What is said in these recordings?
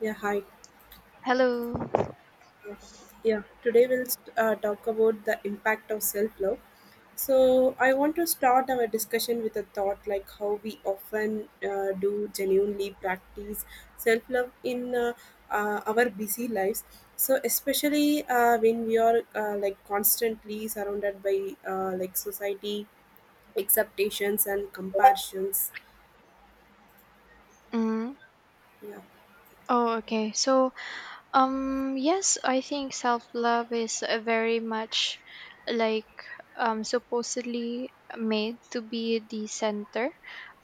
Yeah, hi. Hello. Yeah, today we'll talk about the impact of self love. So, I want to start our discussion with a thought like how we often do genuinely practice self love in our busy lives. So, especially when we are like constantly surrounded by like society expectations and comparisons. Mm. Yeah. Oh, okay. Yes, I think self love is a very much like supposedly made to be the center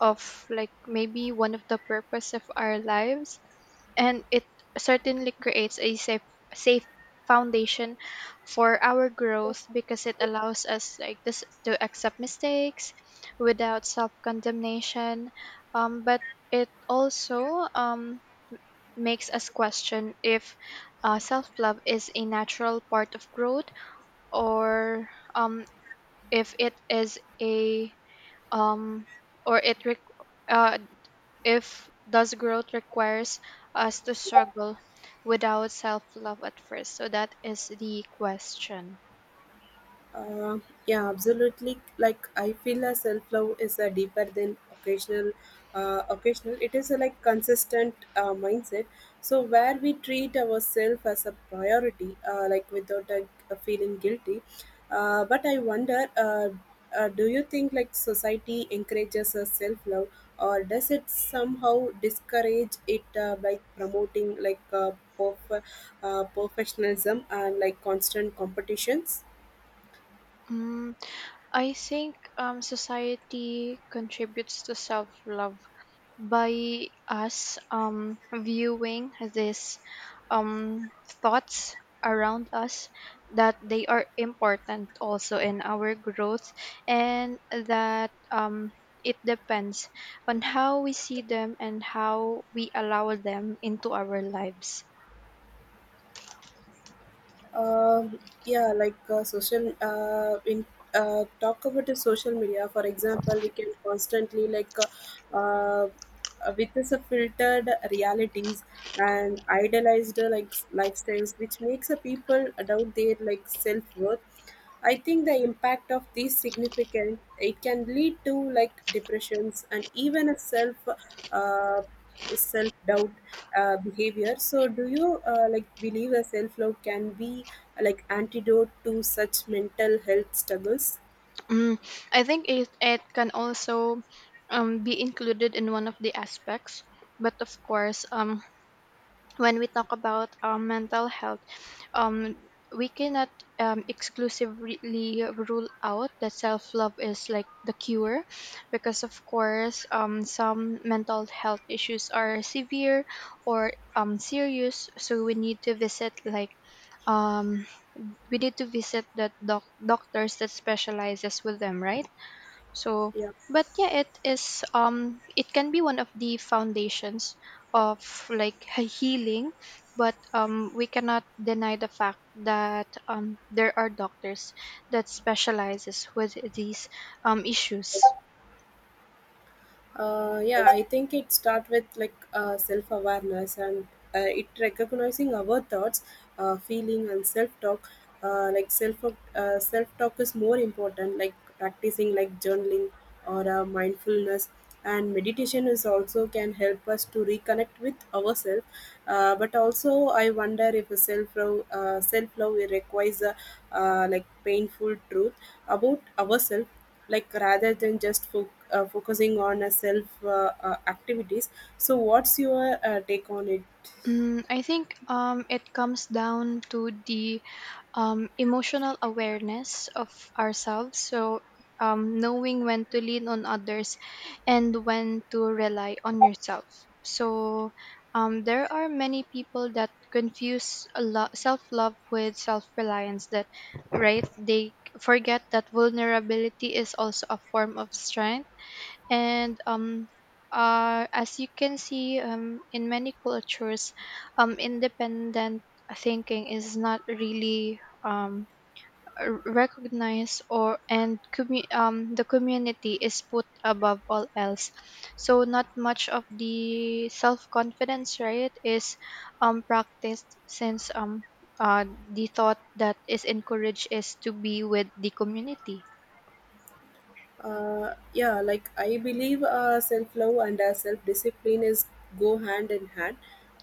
of like maybe one of the purpose of our lives, and it certainly creates a safe foundation for our growth because it allows us like this to accept mistakes without self condemnation. But it also makes us question if self love is a natural part of growth, or um, if it is a um, or it re- uh, if thus growth requires us to struggle without self-love at first. So that is the question. Uh, yeah, absolutely. Like I feel a self love is a deeper than occasional. Occasional, it is a like consistent mindset. So where we treat ourselves as a priority, like without a feeling guilty. But I wonder, do you think like society encourages a self love, or does it somehow discourage it by promoting like perf- professionalism and like constant competitions? mm, I think society contributes to self-love by us viewing these um, thoughts around us, that they are important also in our growth, and that it depends on how we see them and how we allow them into our lives. Um yeah, like social in talk about the social media. For example, we can constantly like uh, with this filtered realities and idealized like lifestyles, which makes a people doubt their like self worth. I think the impact of these significant. It can lead to like depressions and even a uh, self doubt behavior. So, do you like believe a self love can be like antidote to such mental health struggles? Mm, I think it can also be included in one of the aspects, but of course, when we talk about mental health, um, we cannot exclusively rule out that self love is like the cure, because of course some mental health issues are severe or serious. So we need to visit like um, we need to visit the doctors that specializes with them, right? So, Yeah. but yeah, it is. It can be one of the foundations of like healing, but we cannot deny the fact that there are doctors that specializes with these issues. Yeah, I think it starts with like self awareness and it recognizing our thoughts, feeling, and self talk. Self talk is more important. Like practicing like journaling or mindfulness and meditation is also can help us to reconnect with ourselves. But also, I wonder if self love requires a like painful truth about ourselves like rather than just focusing on a self activities. So what's your take on it? I think it comes down to the emotional awareness of ourselves. So, knowing when to lean on others and when to rely on yourself. So, there are many people that confuse self love with self reliance, right? They forget that vulnerability is also a form of strength, and as you can see, in many cultures, independent thinking is not really recognized, or the community is put above all else, so not much of the self-confidence, right, is practiced, since uh, the thought that is encouraged is to be with the community. Yeah, like I believe self-love and self-discipline is go hand in hand.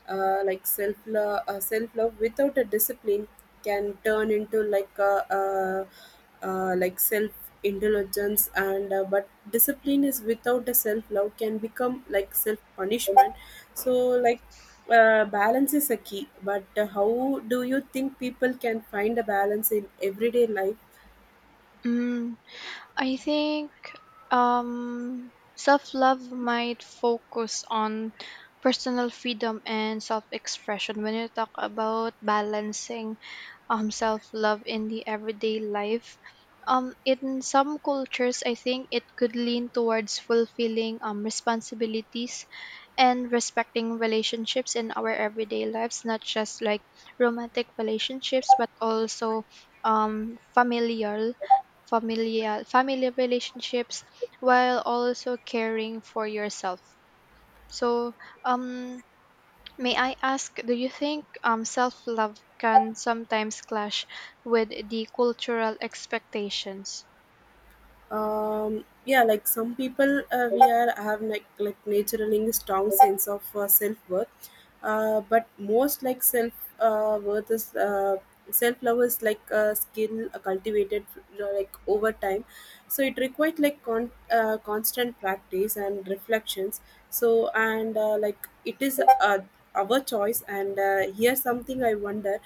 Self-love without a discipline can turn into like self indulgence, and but discipline is without a self-love can become like self-punishment. So like balance is a key, but how do you think people can find a balance in everyday life? mm, I think um, self love might focus on personal freedom and self expression. When you talk about balancing self love in the everyday life, in some cultures, I think it could lean towards fulfilling responsibilities and respecting relationships in our everyday lives, not just like romantic relationships, but also um familial familial family relationships, while also caring for yourself. So um may I ask, do you think self love can sometimes clash with the cultural expectations? Yeah, like some people we are have like naturally strong sense of self-worth, but most like uh, worth is uh, self-love is like a skill cultivated like over time. So it requires like constant practice and reflections. So, and like it is our choice, and here's something I wonder: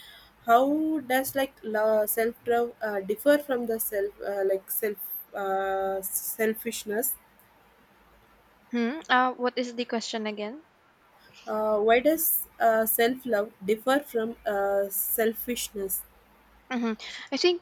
how does like la self love differ from the self like self selfishness? Hmm. What is the question again? Why does self love differ from selfishness? Hmm. I think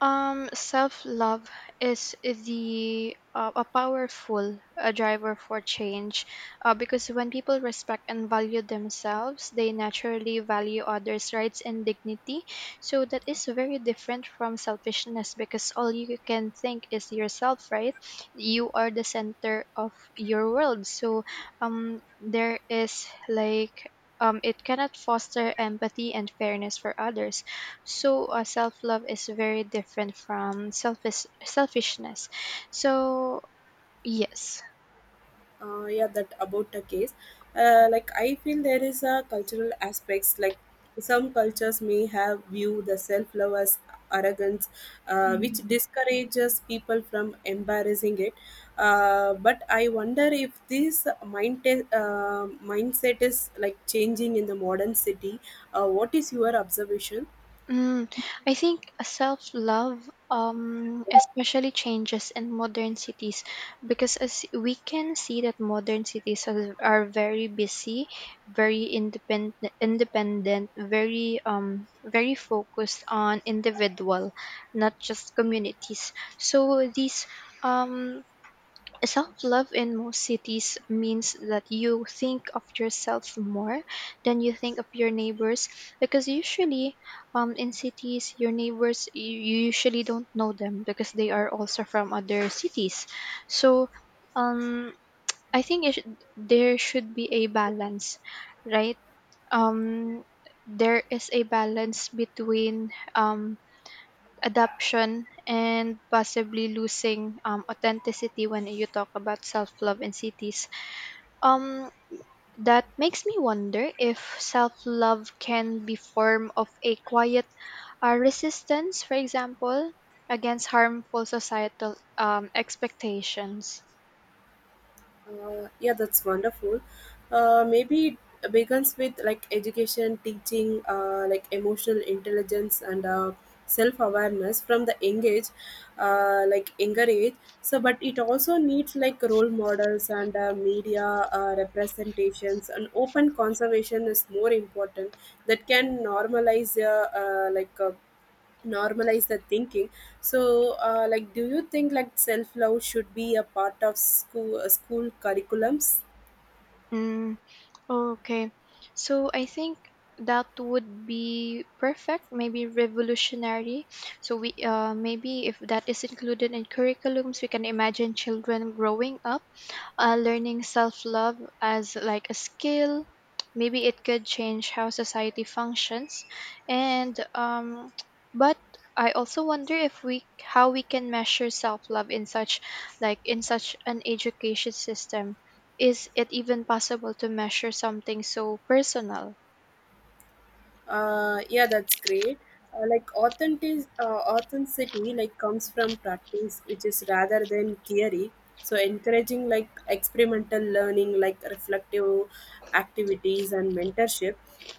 self love is the a powerful driver for change, because when people respect and value themselves, they naturally value others' rights and dignity. So that is very different from selfishness, because all you can think is yourself, right? You are the center of your world. So there is like it cannot foster empathy and fairness for others. So self-love is very different from selfishness. So yes. Yeah, that about the case. Like I feel there is a cultural aspects like some cultures may have view the self-love as arrogance, which Mm. discourages people from embarrassing it. But I wonder if this mind uh, mindset is like changing in the modern city. What is your observation? Mm, I think self love especially changes in modern cities, because as we can see, that modern cities are very busy, very independent, very very focused on individual, not just communities. So these um self love in most cities means that you think of yourself more than you think of your neighbors, because usually, in cities your neighbors, you usually don't know them because they are also from other cities. So um, I think there should be a balance, right? um, there is a balance between adaption and possibly losing authenticity when you talk about self-love in cities. um that makes me wonder if self-love can be form of a quiet resistance, for example, against harmful societal expectations. Yeah, that's wonderful. Maybe it begins with like education, teaching, like emotional intelligence and self awareness from the young age, like younger age. So, but it also needs like role models and media representations, and open conservation is more important that can normalize normalize the thinking. So like, do you think like self love should be a part of school curriculums? Mm. Okay. So I think that would be perfect, maybe revolutionary. So we maybe if that is included in curriculums, we can imagine children growing up learning self-love as like a skill. Maybe it could change how society functions. And but I also wonder if we how we can measure self-love in such, like in such an education system. Is it even possible to measure something so personal? Yeah, that's great. uh, like authentic uh, Authenticity like comes from practice, which is rather than theory. So encouraging like experimental learning, like reflective activities and mentorship,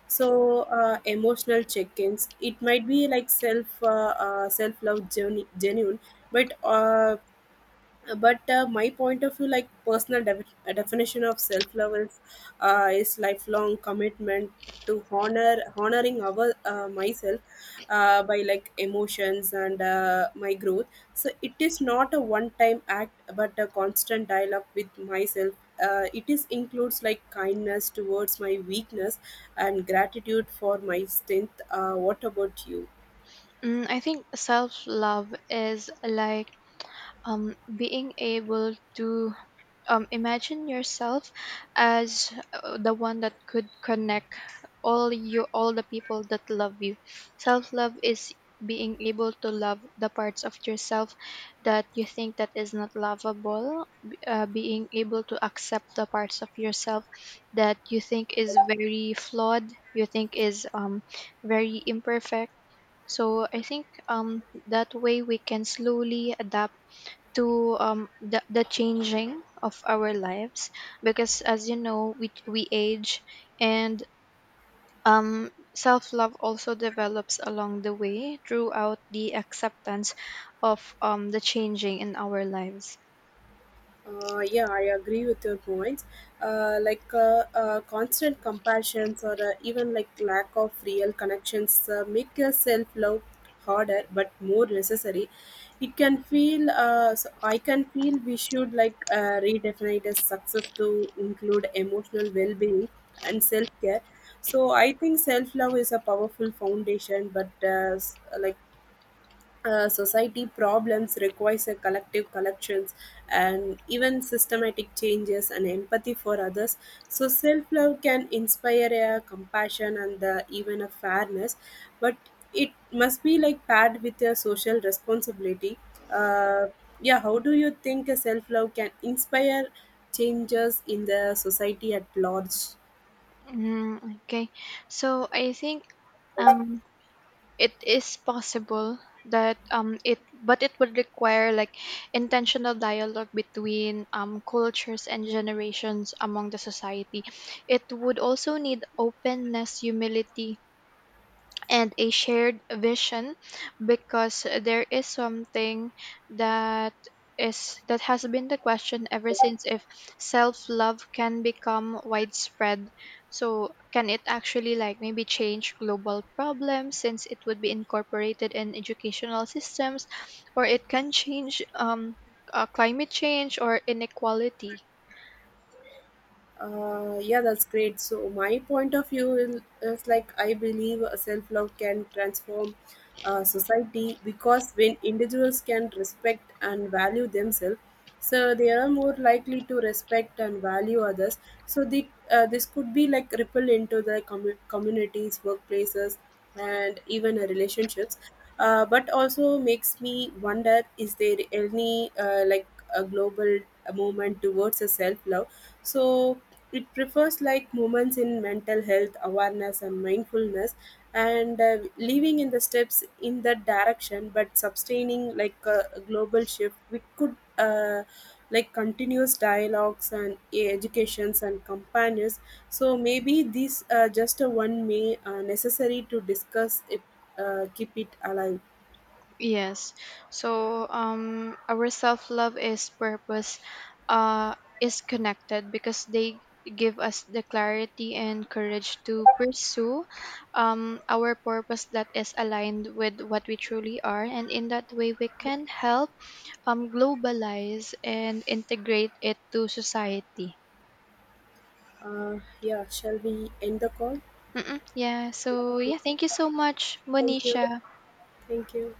so emotional check-ins, it might be like self love journey genuine. But uh, Uh, but uh, my point of view like personal definition of self love is lifelong commitment to honoring our myself by like emotions and my growth. So it is not a one time act but a constant dialogue with myself. It is includes like kindness towards my weakness and gratitude for my strength. What about you? I think self-love is like being able to imagine yourself as the one that could connect all the people that love you. Self love is being able to love the parts of yourself that you think that is not lovable, being able to accept the parts of yourself that you think is very flawed, you think is very imperfect. So I think that way we can slowly adapt to the changing of our lives, because as you know, we age, and self-love also develops along the way throughout the acceptance of the changing in our lives. Yeah, I agree with your points. Constant comparisons or even like lack of real connections make your self love harder but more necessary. It can feel, so I can feel we should like redefine as success to include emotional well being and self care. So I think self love is a powerful foundation, but like society problems requires a collective collections and even systematic changes and empathy for others. So self-love can inspire a compassion and even a fairness, but it must be like paired with a social responsibility. uh, yeah, how do you think a self-love can inspire changes in the society at large? Okay. So I think um, it is possible that it would require like intentional dialogue between cultures and generations among the society. It would also need openness, humility, and a shared vision, because there is something that is that has been the question ever since, if self love can become widespread. So can it actually like maybe change global problems, since it would be incorporated in educational systems, or it can change climate change or inequality? Yeah, that's great. So my point of view is like I believe self love can transform society because when individuals can respect and value themselves, so they are more likely to respect and value others. So the this could be like ripple into the communities, workplaces, and even relationships. But also makes me wonder, is there any like a global movement towards a self love? So it prefers like movements in mental health awareness and mindfulness, and leaving in the steps in that direction, but sustaining like a global shift we could like continuous dialogues and educations and companions. So maybe these are just a one may necessary to discuss it, keep it alive. Yes. So our self-love is purpose is connected, because they give us the clarity and courage to pursue our purpose that is aligned with what we truly are, and in that way we can help globalize and integrate it to society. Yeah, shall we end the call? Mm-mm. Yeah, so yeah, thank you so much, Thank you. Monisha. Thank you.